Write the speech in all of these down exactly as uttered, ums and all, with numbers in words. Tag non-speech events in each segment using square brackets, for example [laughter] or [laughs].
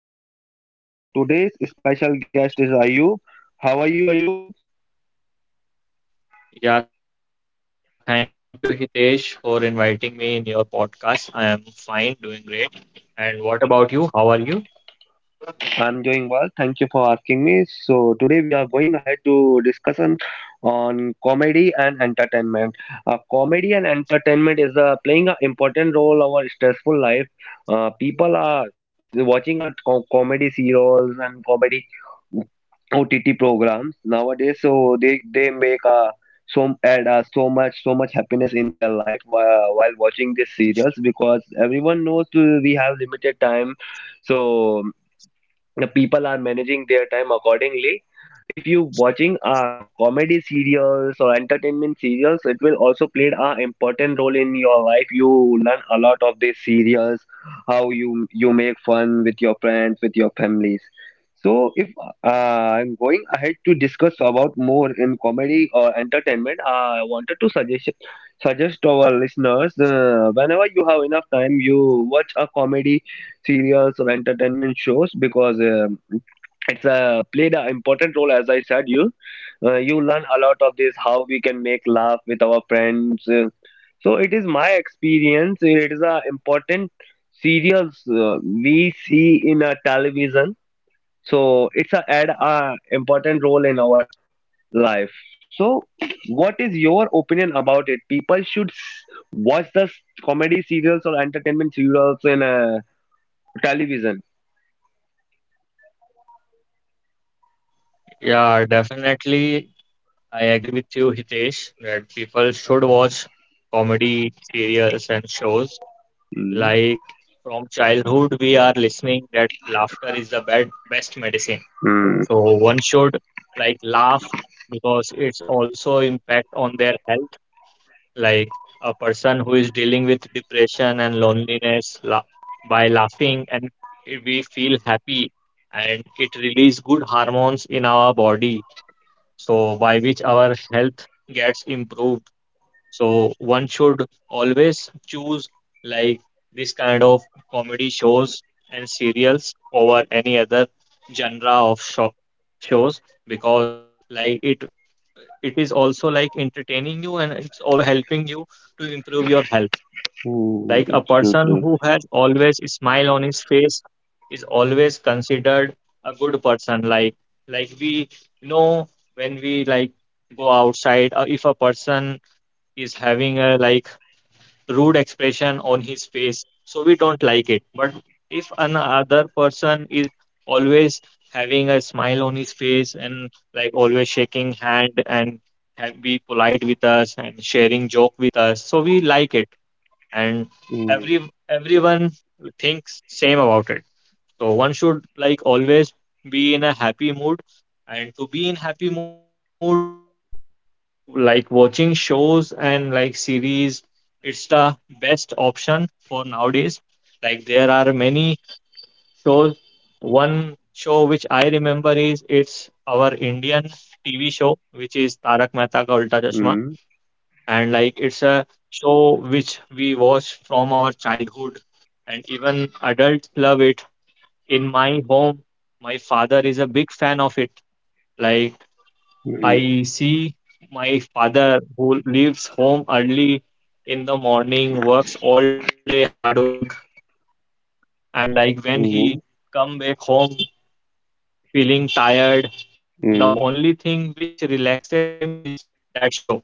of this podcast. Our today's special guest is Ayub. How are you, Ayub? Yeah, thank you, Hitesh, for inviting me in your podcast. I am fine, doing great. And what about you? How are you? I'm doing well. Thank you for asking me. So today we are going ahead to discussion on comedy and entertainment. Uh, comedy and entertainment is uh, playing an important role in our stressful life. Uh, people are watching our co- comedy serials and comedy O T T programs nowadays, so they they make uh, so add uh, so much so much happiness in their life while, while watching these serials because everyone knows uh, we have limited time, so the people are managing their time accordingly. If you watching uh, comedy serials or entertainment serials, it will also play an important role in your life. You learn a lot of these serials, how you you make fun with your friends, with your families. So if uh, I'm going ahead to discuss about more in comedy or entertainment, uh, I wanted to suggest suggest to our listeners, uh, whenever you have enough time, you watch a comedy serials or entertainment shows because um it's uh, played an important role. As I said, you uh, you learn a lot of this, how we can make laugh with our friends. Uh, so it is my experience, it is a important serials uh, we see in a television. So it's a add a important role in our life. So what is your opinion about it? People should s- watch the s- comedy serials or entertainment serials in uh, television? Yeah, definitely. I agree with you, Hitesh, that people should watch comedy serials and shows. Like from childhood, we are listening that laughter is the best, best medicine. Um. So one should like laugh because it's also impact on their health. Like a person who is dealing with depression and loneliness la by laughing and it- we feel happy and it release good hormones in our body, so by which our health gets improved. So one should always choose like this kind of comedy shows and serials over any other genre of sho shows, because like it it is also like entertaining you and it's also helping you to improve your health. Mm, Like a absolutely. person who has always a smile on his face is always considered a good person. like like we know when we like go outside, uh, if a person is having a like rude expression on his face, so we don't like it, but if another person is always having a smile on his face and like always shaking hand and have- be polite with us and sharing joke with us, so we like it. And Mm, every everyone thinks same about it. So one should like always be in a happy mood, and to be in happy mood like watching shows and like series, it's the best option for nowadays. Like there are many shows. One show which I remember is it's our Indian TV show which is Tarak Mehta Ka Ulta Chashma. Um. And like it's a show which we watch from our childhood, and even adults love it. In my home, my father is a big fan of it. Like Mm, mm. I see my father who leaves home early in the morning, works all day, hard work, and like when Mm, um. he come back home feeling tired, the mm. only thing which relaxes him is that show.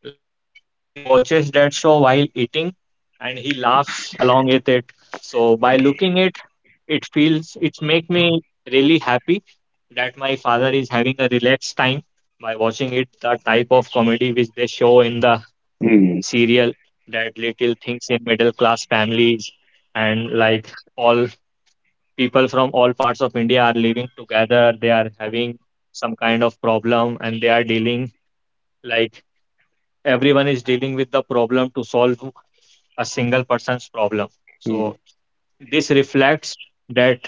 Like he watches that show while eating and he laughs along with it. So by looking it, it feels it make me really happy that my father is having a relaxed time by watching it. The type of comedy which they show in the serial, that little things in middle class families, and like all people from all parts of India are living together, they are having some kind of problem and they are dealing like everyone is dealing with the problem to solve a single person's problem. So this reflects that,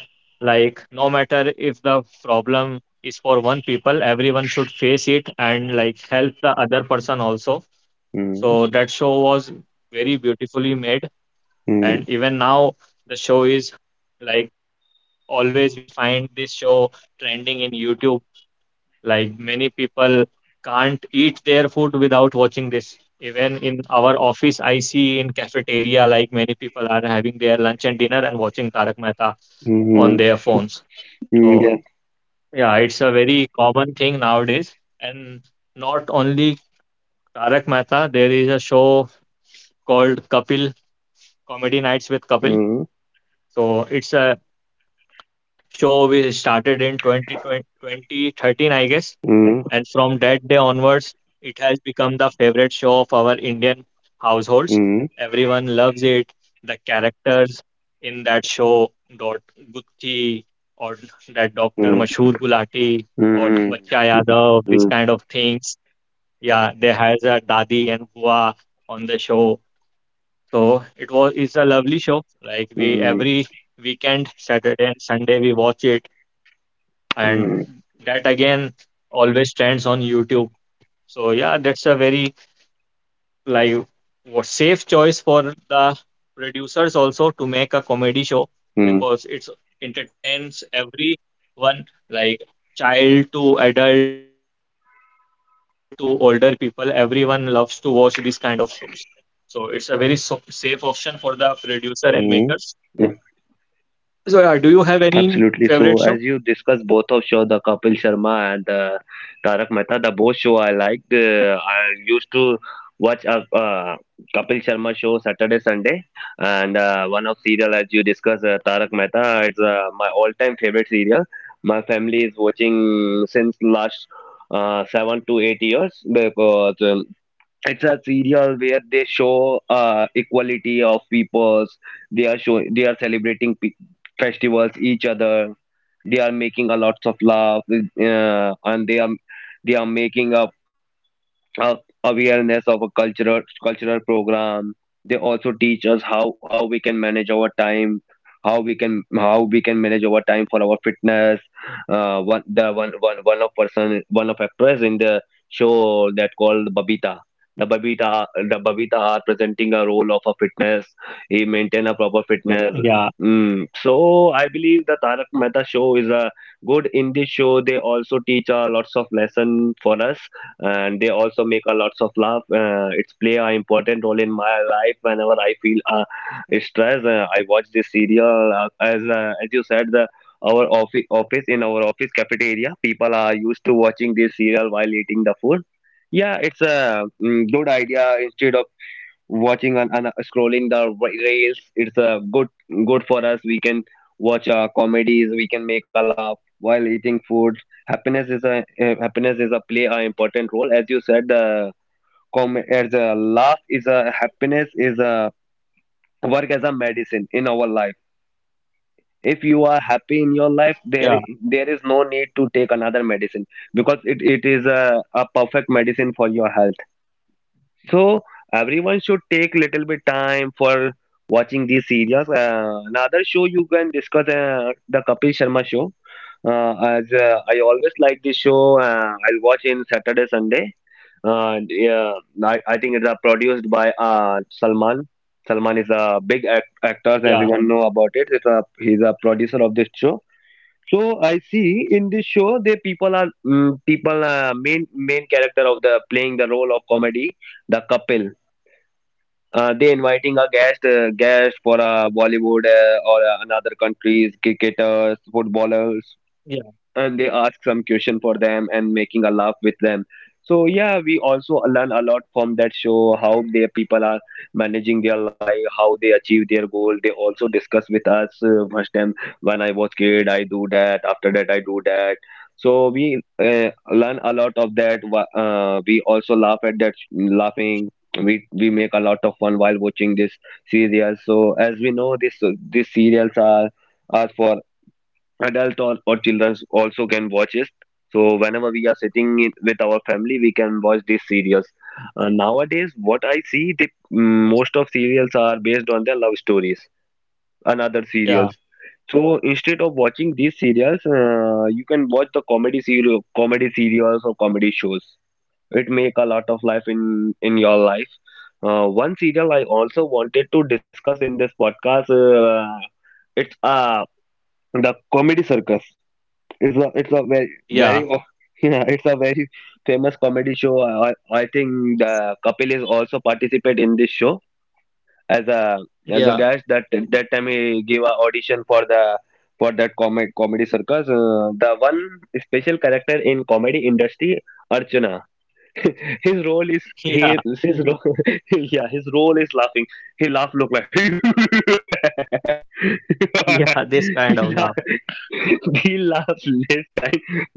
like, no matter if the problem is for one people, everyone should face it and like help the other person also. So that show was very beautifully made, Mm, and even now the show is like always we find this show trending in YouTube. Like many people can't eat their food without watching this. Even in our office, I see in cafeteria, like many people are having their lunch and dinner and watching Tarak Mehta mm, on mm, their phones. mm, So yeah. yeah, it's a very common thing nowadays. And not only Tarak Mehta, there is a show called Kapil, Comedy Nights with Kapil. Mm, So it's a show we started in twenty twenty twenty thirteen, I guess. mm, And from that day onwards, it has become the favorite show of our Indian households. mm, Everyone loves it. The characters in that show, Dot Gutti or that Doctor mm, Mashur Gulati or mm, Bachcha Yadav, these mm, kind of things. Yeah, they has a Dadi and Bua on the show. So it was it's a lovely show. Like we mm, every weekend, Saturday and Sunday we watch it, and mm, that again always trends on YouTube. So yeah, that's a very like what safe choice for the producers also to make a comedy show, mm, because it's entertains everyone like child to adult to older people. Everyone loves to watch these kind of shows. So it's a very so safe option for the producer and makers. mm. So yeah, do you have any favorite show? Absolutely. So as you discussed both of show, the Kapil Sharma and uh, Tarak Mehta, the both show I liked. Uh, I used to watch a uh, Kapil Sharma show Saturday, Sunday, and uh, one of serial as you discussed, uh, Tarak Mehta. It's uh, my all-time favorite serial. My family is watching since last uh, seven to eight years because um, it's a serial where they show uh, equality of peoples. They are show they are celebrating pe- festivals each other. They are making a lots of love, uh, and they are they are making a uh, awareness of a cultural cultural program. They also teach us how how we can manage our time, how we can how we can manage our time for our fitness. Uh, one the one one one of person one of actors in the show that called Babita. The Babita the Babita are presenting a role of a fitness. He maintain a proper fitness. Yeah, Mm. So I believe the Tarak Mehta show is a good. In this show, they also teach uh, lots of lesson for us, and they also make a lots of laugh. Uh, it's play an important role in my life. Whenever I feel uh, stress, uh, I watch this serial. Uh, as uh, as you said, the our office office in our office cafeteria, people are used to watching this serial while eating the food. Yeah, it's a mm, good idea. Instead of watching and, and uh, scrolling the re- reels, it's uh, good good for us. We can watch uh, comedies, we can make a laugh while eating food. Happiness is a uh, happiness is a play an important role. As you said, uh, com- as a laugh is a happiness is a work as a medicine in our life. If you are happy in your life, yeah, there there is no need to take another medicine because it, it is a, a perfect medicine for your health. So everyone should take little bit time for watching these series. Uh, another show you can discuss uh, the Kapil Sharma show. Uh, as uh, I always like this show. uh, I'll watch in Saturday Sunday. And yeah, I, I think it's uh, produced by uh, Salman. Salman is a big act- actor. yeah, Everyone know about it. It's a, he's a producer of this show. So I see in this show the people are mm people uh, main main character of the playing the role of comedy, the couple. Uh, they inviting a guest, uh, guest for a Bollywood uh, or uh, another countries cricketers footballers, and they yeah, ask some question for them and making a laugh with them. So yeah, we also learn a lot from that show, how their people are managing their life, how they achieve their goal. They also discuss with us, uh, first time when I was kid I do that, after that I do that. So we uh, learn a lot of that wha- uh, We also laugh at that laughing. We we make a lot of fun while watching this serial. So as we know this, these serials are are for adult or, or children also can watch it. So whenever we are sitting in, with our family, we can watch these serials. Uh, nowadays, what I see the mm, most of serials are based on their love stories and other serials. yeah, So instead of watching these serials, uh, you can watch the comedy serial comedy serials or comedy shows. It make a lot of life in in your life. Uh, one serial I also wanted to discuss in this podcast, uh, it's uh the comedy circus. It's a it's a very yeah, very o- [laughs] yeah, it's a very famous comedy show. I, I I think the Kapil is also participate in this show as a yeah, as a guest. That that time he gave a audition for the for that comedy comedy circus. Uh, the one special character in comedy industry, Archana. [laughs] His role is [laughs] yeah, he his role [laughs] yeah, his role is laughing. He laugh look like [laughs] yeah. This he kind of laugh love. [laughs] he laughs this guy.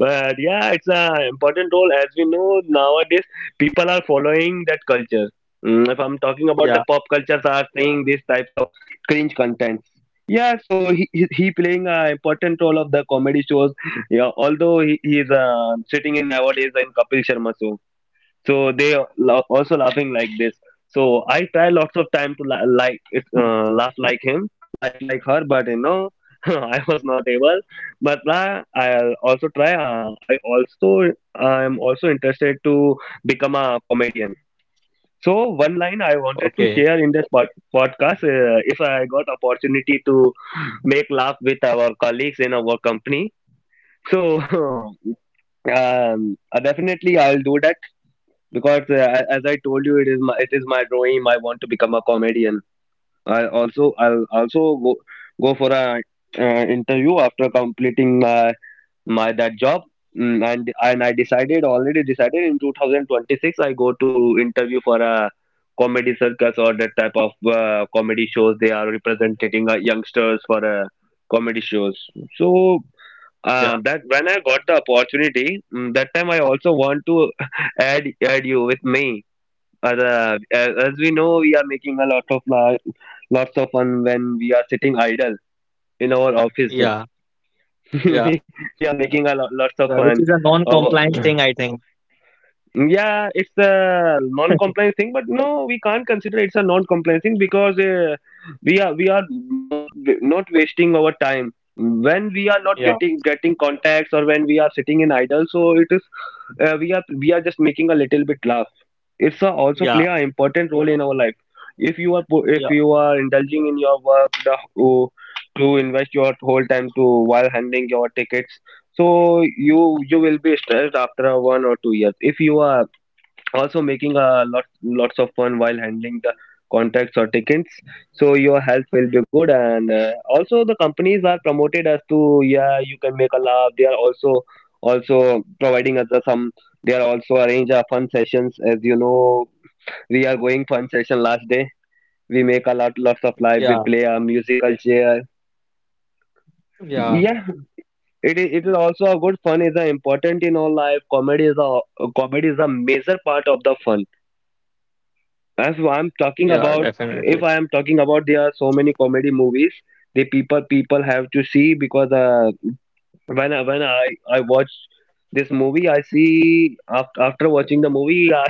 But yeah, it's a important role. As we know, nowadays people are following that culture. Mm, if I'm talking about the Yeah. pop cultures are saying these types of cringe contents. Yeah, so he, he, he playing a important role of the comedy shows. Yeah, although he, he is uh, sitting in nowadays in kapil sharma. So they are lo- also laughing like this. So I try lots of time to la- like it, uh, laugh like him, laugh like her, but you know [laughs] I was not able. But uh, I also try uh, I also I am also interested to become a comedian. So one line I Okay. wanted to share in this pod- podcast, uh, if I got opportunity to make laugh with our colleagues in our company, so [laughs] um, uh, definitely I'll do that because uh, as I told you, it is my it is my dream. I want to become a comedian. I also I'll also go go for a uh, interview after completing my my that job. Mm, and and I decided already decided in two thousand twenty-six I go to interview for a comedy circus or that type of uh, comedy shows. They are representing uh, youngsters for uh, comedy shows. So. Yeah. Uh, that when I got the opportunity, mm, that time I also want to [laughs] add add you with me, uh, as, as we know, we are making a lot of la- lots of fun when we are sitting idle in our office. Yeah. [laughs] Yeah. we we are making a lot lots of Yeah, which fun. is a Uh, non-compliance thing, I think. yeah, it's a non-compliance thing, but no, we can't consider it's a non-compliance thing because uh, we are we are not not wasting our time when we are not getting Yeah, getting contacts or when we are sitting in idle. So it is uh, we are we are just making a little bit laugh. It's a, also play an yeah, important role in our life. If you are po- if you are yeah, indulging in your work the oh, to invest your whole time to while handling your tickets, so you you will be stressed after a one or two years. If you are also making a lot lots of fun while handling the contracts or tickets, so your health will be good. And uh, also the companies are promoted as to, yeah, you can make a laugh. They are also also providing us a some. They are also arrange a fun sessions. As you know, we are going fun session last day. We make a lot lots of life. We play a yeah, musical chair. Yeah, yeah, it is. It is also a good fun is a important in all life. Comedy is a comedy is a major part of the fun. As I'm talking yeah, about, If definitely. I am talking about, there are so many comedy movies. The people people have to see because uh, when I, when I I watch this movie. I see after, after watching the movie, I,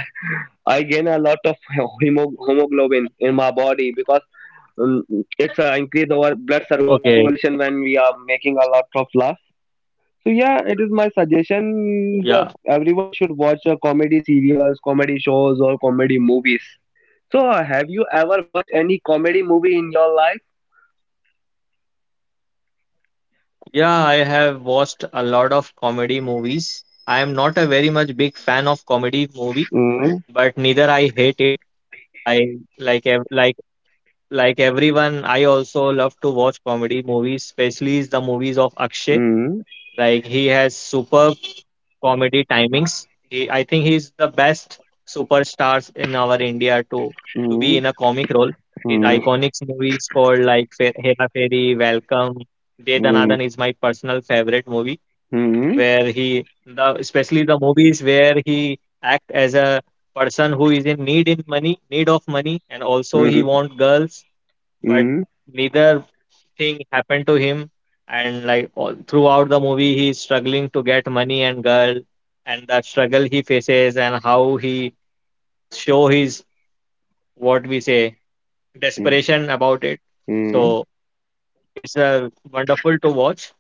I gain a lot of [laughs] hemo, hemoglobin in my body because um, it's uh, increase our blood Okay. circulation when we are making a lot of laugh. So yeah, it is my suggestion that Yeah, everyone should watch uh, comedy serials, comedy shows, or comedy movies so uh, have you ever watched any comedy movie in your life? yeah, I have watched a lot of comedy movies. I am not a very much big fan of comedy movie, Mm, but neither I hate it. I like ev like like everyone, I also love to watch comedy movies, especially the movies of Akshay. mm, Like he has superb comedy timings. He, I think he's the best superstars in our India to to be mm, in a comic role. His iconic movies called like Fe- Hera Fairy, Welcome, mm, mm, Dedanadan is my personal favorite movie, mm, where he the especially the movies where he act as a person who is in need in money, need of money, and also mm, he want girls, but mm, neither thing happened to him, and like all, throughout the movie he's struggling to get money and girl, and the struggle he faces and how he show his, what we say, desperation about it. mm, So it's a wonderful to watch.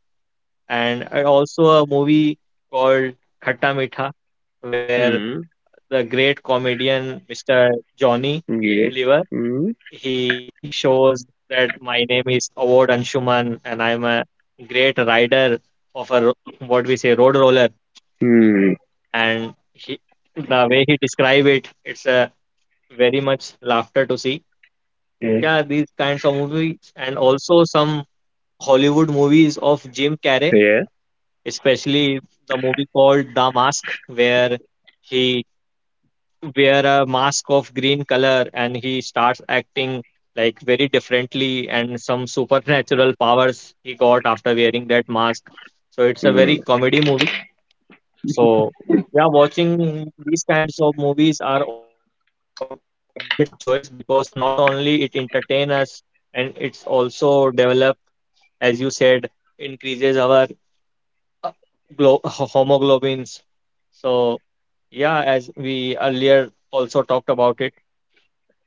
And uh, also a movie called Khatta Meetha, where mm, the great comedian Mr. Johnny mm, yeah. Lever, mm, he shows that my name is Award Anshuman and I'm a great rider of a ro- what we say road roller. mm, mm, And he, the way he describe it, it's a very much laughter to see. Yeah, these kinds of movies, and also some Hollywood movies of Jim Carrey, yeah. especially the movie called The Mask, where he wear a mask of green color and he starts acting like very differently and some supernatural powers he got after wearing that mask. So it's a very mm, comedy movie. So yeah, watching these kinds of movies are always a great choice, because not only it entertain us, and it's also develop, as you said, increases our uh, glo- [laughs] homoglobins. So yeah, as we earlier also talked about it,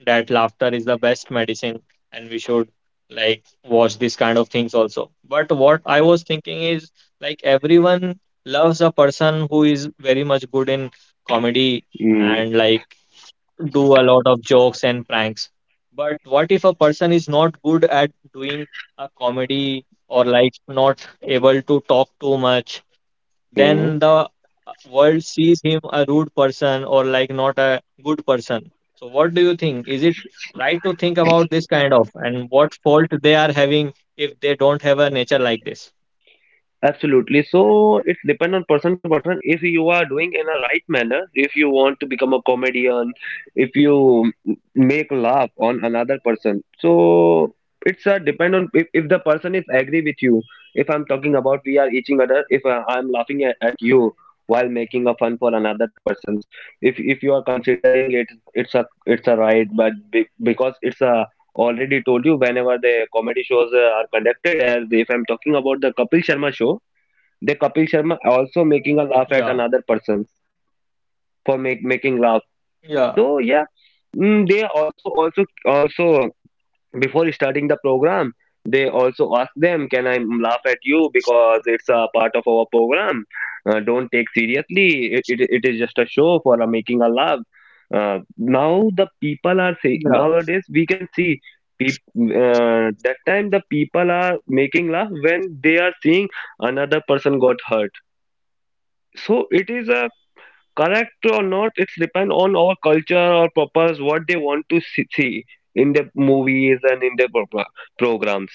that laughter is the best medicine, and we should like watch these kind of things also. But what I was thinking is like everyone loves a person who is very much good in comedy mm, and like do a lot of jokes and pranks. But what if a person is not good at doing a comedy or like not able to talk too much, mm, then the world sees him a rude person or like not a good person. So what do you think? Is it right to think about this kind of and what fault they are having if they don't have a nature like this? Absolutely. So it's depend on person to person. If you are doing in a right manner, if you want to become a comedian, if you make laugh on another person, so it's a depend on if, if the person is agree with you. If I'm talking about we are each other, if uh, I'm laughing at, at you while making a fun for another person's, if if you are considering it, it's a it's a right, but be, because it's a already told you whenever the comedy shows uh, are conducted. As if I'm talking about the Kapil Sharma show, the Kapil Sharma also making a Yeah, laugh at another person for make, making laugh. yeah, So yeah, mm, they also also also before starting the program, they also ask them, "Can I laugh at you because it's a part of our program? Uh, don't take seriously. It, it it is just a show for a making a laugh." Uh, now the people are say yeah, nowadays we can see. peop- Uh, that time the people are making laugh when they are seeing another person got hurt, so it is a correct or not. It's depend on our culture or purpose what they want to see see in the movies and in the pro- programs.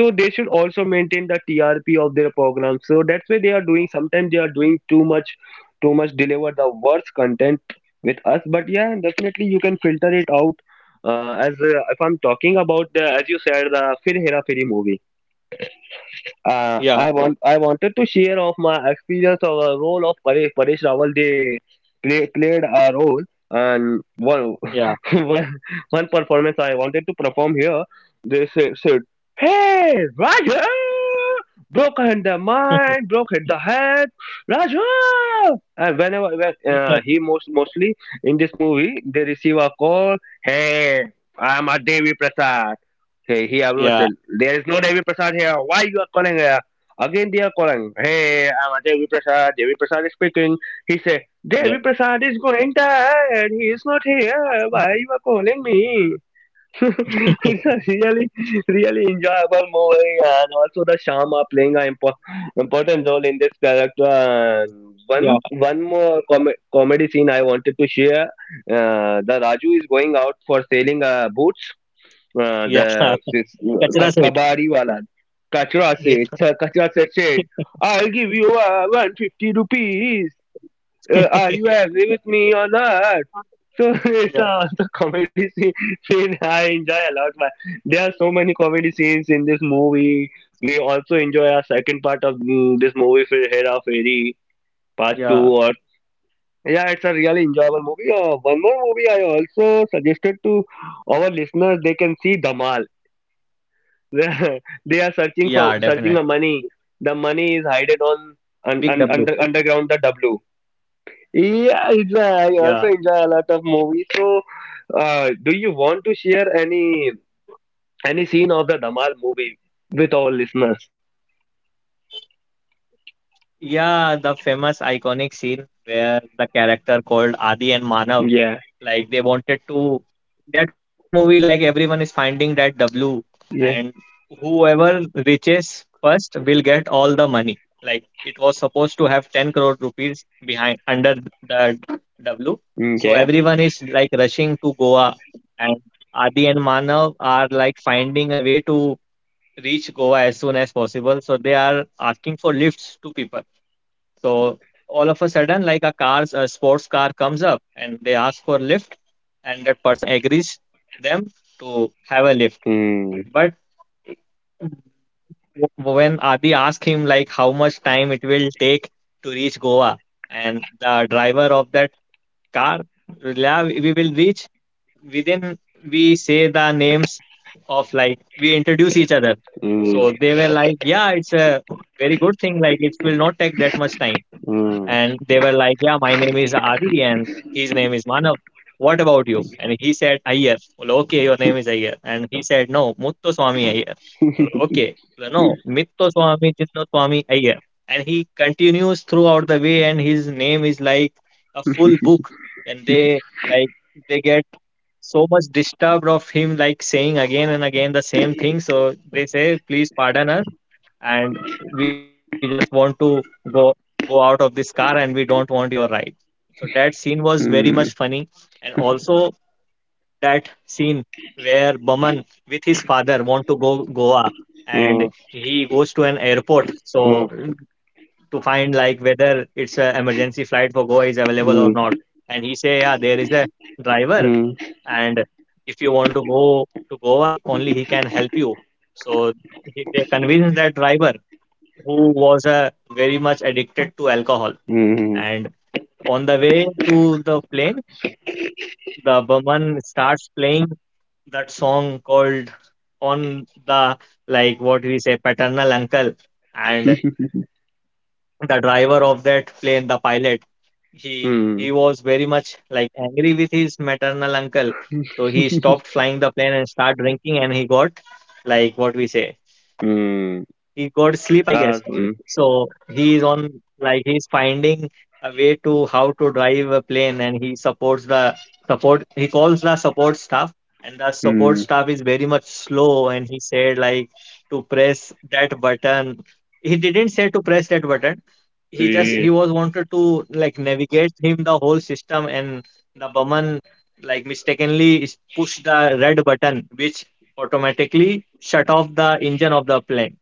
So they should also maintain the T R P of their programs. So that's why they are doing. Sometimes they are doing too much, too much deliver the worst content with us. But yeah, definitely you can filter it out. Uh, as uh, if I'm talking about the, as you said, the Fir Hera Feri movie, uh, I want yeah, I wanted to share of my experience of a role of Paresh Paresh Rawal. They play, played a role, and one [laughs] one yeah, one performance I wanted to perform here. They said, said, "Hey Raja, broken the mind, broken the head, Raja." And whenever when, uh, he most mostly yeah, in this movie, they receive a call. "Hey, I'm a Devi Prasad." "Hey, here, listen. There is no Devi yeah, Prasad here. Why you are calling here?" Again, they are calling. "Hey, I'm a Devi Prasad. Devi Prasad is speaking." He said, "Devi Prasad is going tired. He is not here. Why you are calling me?" [laughs] it's a really, really enjoyable movie, and also the Shama playing an impo- important role in this character. And one, one more com- yeah, comedy scene I wanted to share. Uh, the Raju is going out for selling uh, boots, uh, the this, uh, ka- yeah, yeah. kabadi wala. [laughs] Kachra said. Kachra said, uh, Kachra said, said, Yeah. "I'll give you uh, one hundred fifty rupees. Uh, are you happy with me or not?" [laughs] So [laughs] it's uh, the comedy scene, Yeah, [laughs] scene I enjoy a lot, man. There are so many comedy scenes in this movie. We also enjoy our second part of mm, this movie, Fir Hera Fairy, part two. Or yeah, yeah, it's a really enjoyable movie. Uh, one more movie I also suggested to our listeners, they can see Dhamal. [laughs] They are searching for yeah, searching the definitely. money. The money is hidden on un, un, Big under W. underground the W. Yeah, it's, uh, I also Yeah, enjoy a lot of movies. So, uh, do you want to share any any scene of the Dhamal movie with all listeners? yeah, the famous iconic scene where the character called Adi and Manav. Yeah, Like they wanted to that movie, like everyone is finding that W, yeah, and whoever reaches first will get all the money. Like it was supposed to have ten crore rupees behind under the W. So yeah. everyone is like rushing to Goa, and Adi and Manav are like finding a way to reach Goa as soon as possible. So they are asking for lifts to people. So all of a sudden, like a car's a sports car comes up and they ask for lift, and that person agrees them to have a lift. Mm, But w- when Adi asks him like how much time it will take to reach Goa, and the driver of that car, yeah, we will reach within. We say the names of like we introduce each other. mm, So they were like, yeah, it's a very good thing. Like it will not take that much time. mm, And they were like, yeah, my name is Adi and his name is Manav. What about you? And he said, Iyer. Well, okay, your name is Iyer. And he said, no, Mutto Swami Iyer. Well, okay. Well, no, Mitto Swami Chitto Swami Iyer. And he continues throughout the way, and his name is like a full book. And they like they get so much disturbed of him like saying again and again the same thing. So they say, please pardon us, and we just want to go go out of this car and we don't want your ride. So that scene mm, was very mm, much funny. And also that scene where Baman with his father want to go Goa, and he goes to an airport mm, so to find like whether it's an emergency flight for Goa is available or not. And he say, yeah, there is a driver, mm, and if you want to go to Goa, he only he can help you. So he, they convince that driver, who was uh, very much addicted to alcohol. mm, mm, And on the way to the plane, the barman starts playing that song called on the, like what we say, paternal uncle. And the driver of that plane, the pilot, he mm, he was very much like angry with his maternal uncle. So he stopped flying the plane and started drinking, and he got, like what we say, he mm. got sleep, I guess. Uh, mm, So he is on, like, he's finding a way to how to drive a plane, and he supports the support. He calls the support staff, and the support mm, staff is very much slow. And he said like to press that button. He didn't say to press that button. He just mm, he was wanted to like navigate him the whole system, and the bumman like mistakenly is- pushed the red button, which automatically shut off the engine of the plane.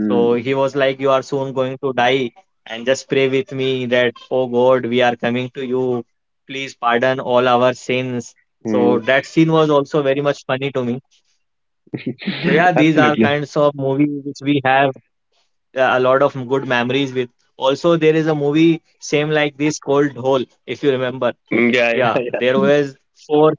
So he was like, "You are soon going to die, and just pray with me that, Oh God, we are coming to you. Please pardon all our sins." So mm. that scene was also very much funny to me. So, yeah, these are Absolutely. kinds of movies which we have uh, a lot of good memories with. Also, there is a movie same like this called Hole, if you remember. Mm, Yeah, [laughs] Yeah, yeah, yeah. there was four,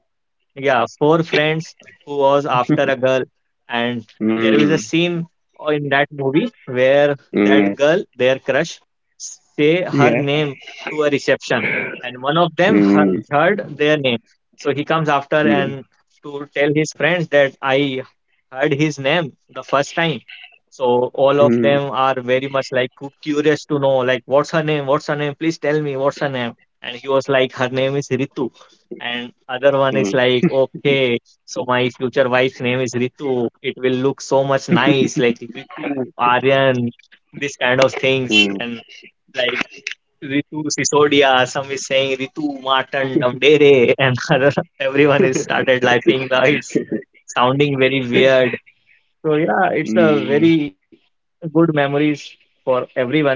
yeah, four friends who was after a girl, and there is Mm, a scene in that movie where that mm, girl, their crush, say her Yeah. name to a reception, and one of them he- mm, heard their name, so he comes after mm, and to tell his friends that I heard his name the first time. So all of mm, them are very much like cu- curious to know, like, what's her name? What's her name? Please tell me what's her name. And he was like, her name is Ritu, and other one is mm, like, okay, so my future wife's name is Ritu. It will look so much nice, like Ritu Aryan, this kind of things. mm, And like Ritu Sisodia, some is saying Ritu Martin Damdere, and [laughs] other, everyone is started laughing. Now it's sounding very weird. So yeah, it's a mm, very good memories for everyone.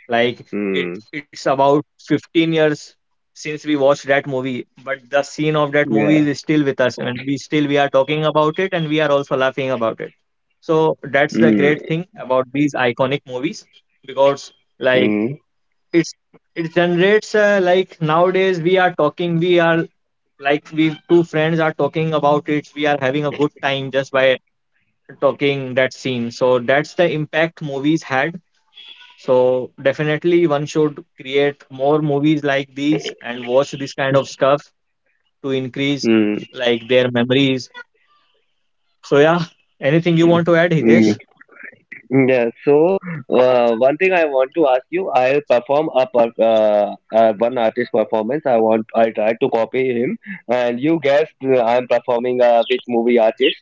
Like it, mm, it's about fifteen years since we watched that movie, but the scene of that movie yeah. is still with us, and we still we are talking about it, and we are also laughing about it. So that's the great Mm, thing about these iconic movies, because, like, mm, it's it generates, uh, like, nowadays we are talking, we are, like, we two friends are talking about it, we are having a good time just by talking that scene. So that's the impact movies had. So definitely one should create more movies like these and watch this kind of stuff to increase mm, like their memories. So yeah, anything you want to add, mm. Hitesh? Yeah. So, uh, one thing I want to ask you, I'll perform a per uh, uh, one artist performance. I want I tried to copy him, and you guessed uh, I'm performing uh, which movie artist.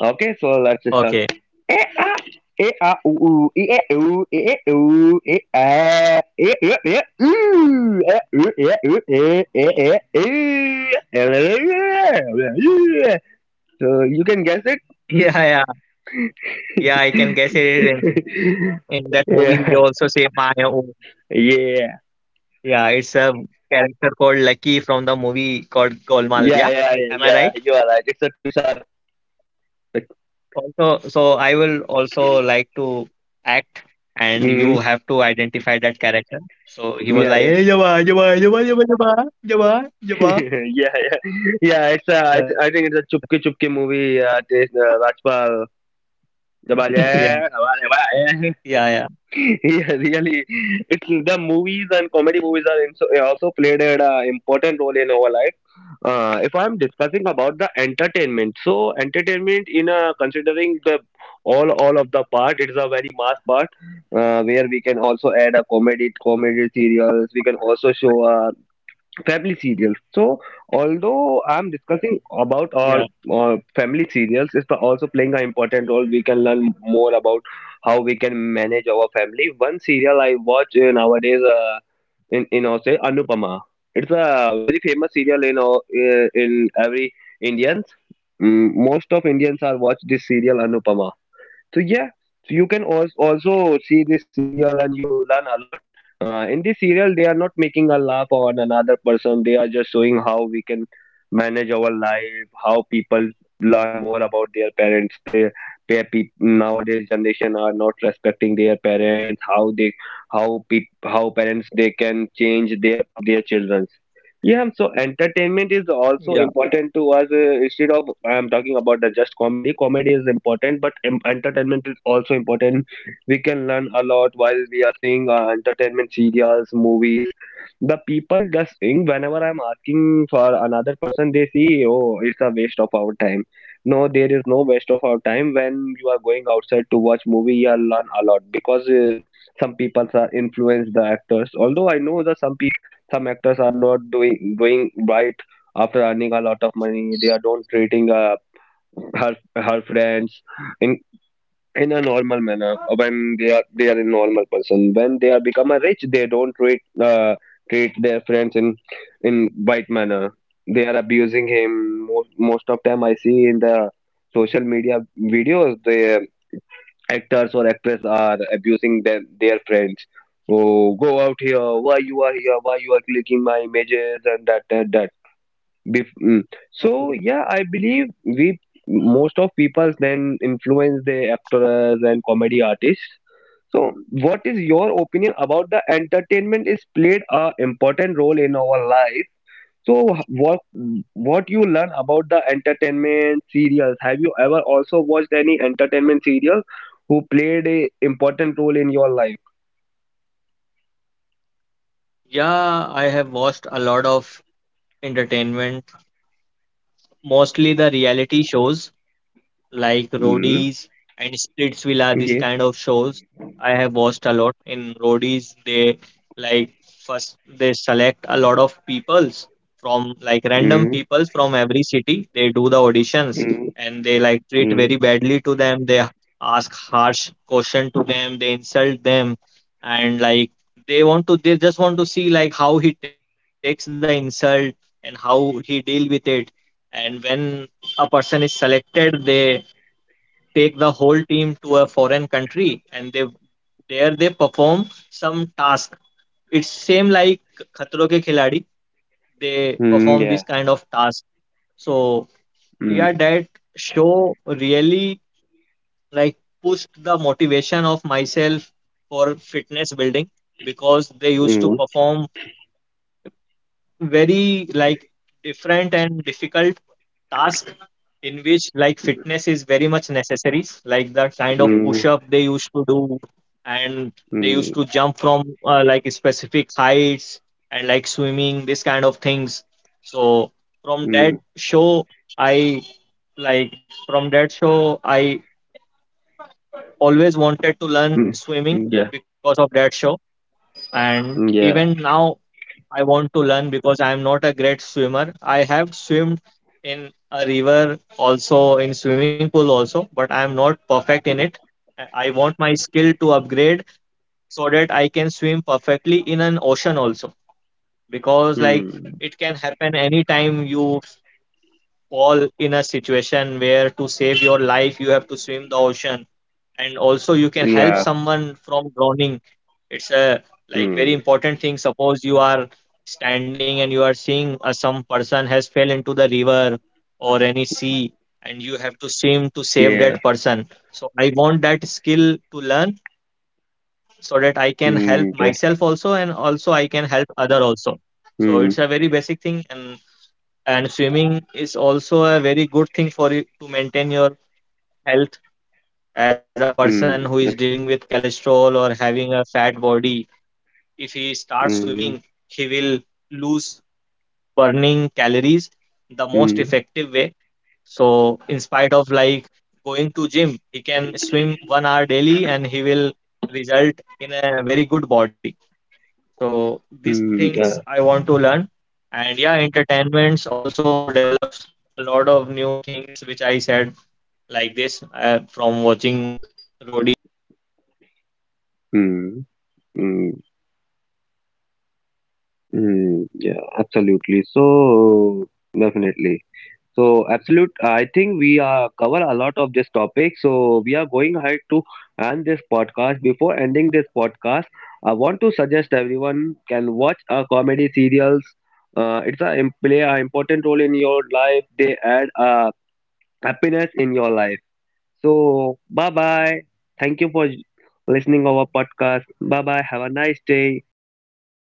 Okay, so let's start. Okay. [laughs] Eh, ah, eh, ah, ooh, ooh, eh, eh, ooh, eh, eh, ooh, eh, ah, eh, eh, eh, ooh, eh, ooh, eh, ooh, eh, eh, eh, ooh, eh, eh, eh, So you can guess it? Yeah, yeah, yeah. I can guess it. In, in that movie, he also Yeah. [laughs] say my own. Yeah. Yeah, it's a character called Lucky from the movie called Golmaal. Yeah, Yeah, yeah, yeah, am I yeah. right? You are right. It's a Tushar. Also, so I will also like to act, and Mm, you have to identify that character. So he was yeah, like, yeah. hey, Jawa, Jawa, Jawa, Jawa, Jawa, Jawa, [laughs] Jawa. Yeah, yeah. Yeah, it's a, I, Yeah, th- I think it's a Chupke Chupke movie. Uh, it is, uh, Rajpal. [laughs] yeah, Dabal, yeah, dabal, yeah, yeah, dabal, [laughs] yeah, really. It's the movies and comedy movies are in, so- also played an uh, important role in our life. Uh, if I'm discussing about the entertainment, so entertainment in uh, considering the all all of the part, it's a very mass part uh, where we can also add a comedy comedy serials. We can also show a family serials. So although I'm yeah, discussing about our uh, family serials, it's also playing an important role. We can learn more about how we can manage our family. One serial I watch uh, nowadays uh, in in our say Anupama. It's a very famous serial in our- uh, in every Indians. Mm, Most of Indians are watch this serial Anupama. So yeah, so you can also also see this serial and you learn a lot. Uh, in this serial, they are not making a laugh on another person. They are just showing how we can manage our life, how people learn more about their parents. They, their peop nowadays generation are not respecting their parents. How they, how pe- how parents they can change their their children. Yeah, um, so entertainment yeah. is also important to us. Uh, instead of I'm talking about the just comedy. Comedy is important, but em entertainment is also important. We can learn a lot while we are seeing uh, entertainment serials, movies. The people just think whenever I'm asking for another person, they see, "Oh, it's a waste of our time." No, there is no waste of our time when you are going outside to watch movie. You learn a lot because uh, some people are influenced the actors. Although I know that some people some actors are not doing doing right after earning a lot of money. They are do not treating uh, her her friends in in a normal manner. When they are they are a normal person. When they are become a rich, they don't treat uh, treat their friends in in right manner. They are abusing him most most of time. I see in the social media videos. They actors or actress are abusing them, their friends. "Oh, go out here. Why you are here? Why you are clicking my images and that and that." Bef- mm. So Okay. yeah, I believe we most of people then influence the actors and comedy artists. So what is your opinion about the entertainment is played a important role in our life? So h- what what you learn about the entertainment serials? Have you ever also watched any entertainment serial who played a important role in your life? Yeah, I have watched a lot of entertainment, mostly the reality shows, like Mm, Roadies and Splitsvilla, this yeah. kind of shows I have watched a lot. In Roadies, they, like, first they select a lot of peoples from, like, random Mm, peoples from every city. They do the auditions, mm, and they like treat very mm, badly to them. They ask harsh question to them. They insult them, and like they want to, they just want to see like how he takes the insult and how he deal with it. And when a person is selected, they take the whole team to a foreign country, and they there they perform some task. It's same like khatro ke khiladi. They mm, perform this yeah. kind of task. So yeah, Mm, that show really, like, pushed the motivation of myself for fitness building, because they used to mm, perform very like different and difficult task in which like fitness is very much necessary, like the kind of push mm, up they used to do, and they used to jump from uh, like specific heights and like swimming, this kind of things. So from that mm, show I, like, from that show I always wanted to learn mm, swimming mm, yeah. because of that show. And Yeah. even now I want to learn, because I am not a great swimmer. I have swimmed in a river also, in swimming pool also, but I am not perfect in it. I I want my skill to upgrade so that I can swim perfectly in an ocean also, because like Mm, it can happen anytime you fall in a situation where to save your life you have to swim the ocean, and also you can help yeah. someone from drowning. It's a like very Mm, important thing. Suppose you are standing and you are seeing uh, some person has fell into the river or any sea, and you have to swim to save yeah. that person. So I want that skill to learn so that I can help myself Mm, also yeah. and also I can help other also. So it's a Mm, very basic thing, and and swimming is also a very good thing for you to maintain your health. As a mm, person who is yeah. dealing with cholesterol or having a fat body, if he starts swimming, Mm, he will lose burning calories the most mm, effective way. So, inspire result in a very good body. So, these things mm, yeah. I want to learn. And yeah, entertainments also develops a lot of new things, which I said, like this, uh, from watching roadies, this habit of mine. Instead of Mm. like Mm. going to gym, he can swim one hour daily, and he Mm, will yeah, re- absolutely. started increasing. So definitely. And there So are absolute. other I think shows we uh, also, cover a lot like of this horror topic. shows, So we are do you going watch ahead it? to end this podcast. Before ending this podcast, I want to suggest everyone can watch a Am comedy I audible, serials. Uh, Hitesh? It's a im- play an important role in your life. They add uh, Are you happiness in there, your life. Hitesh? So bye I think we bye. have lost the Thank you for connection. listening our podcast. Again Bye we are bye. Have a nice facing day. problem with this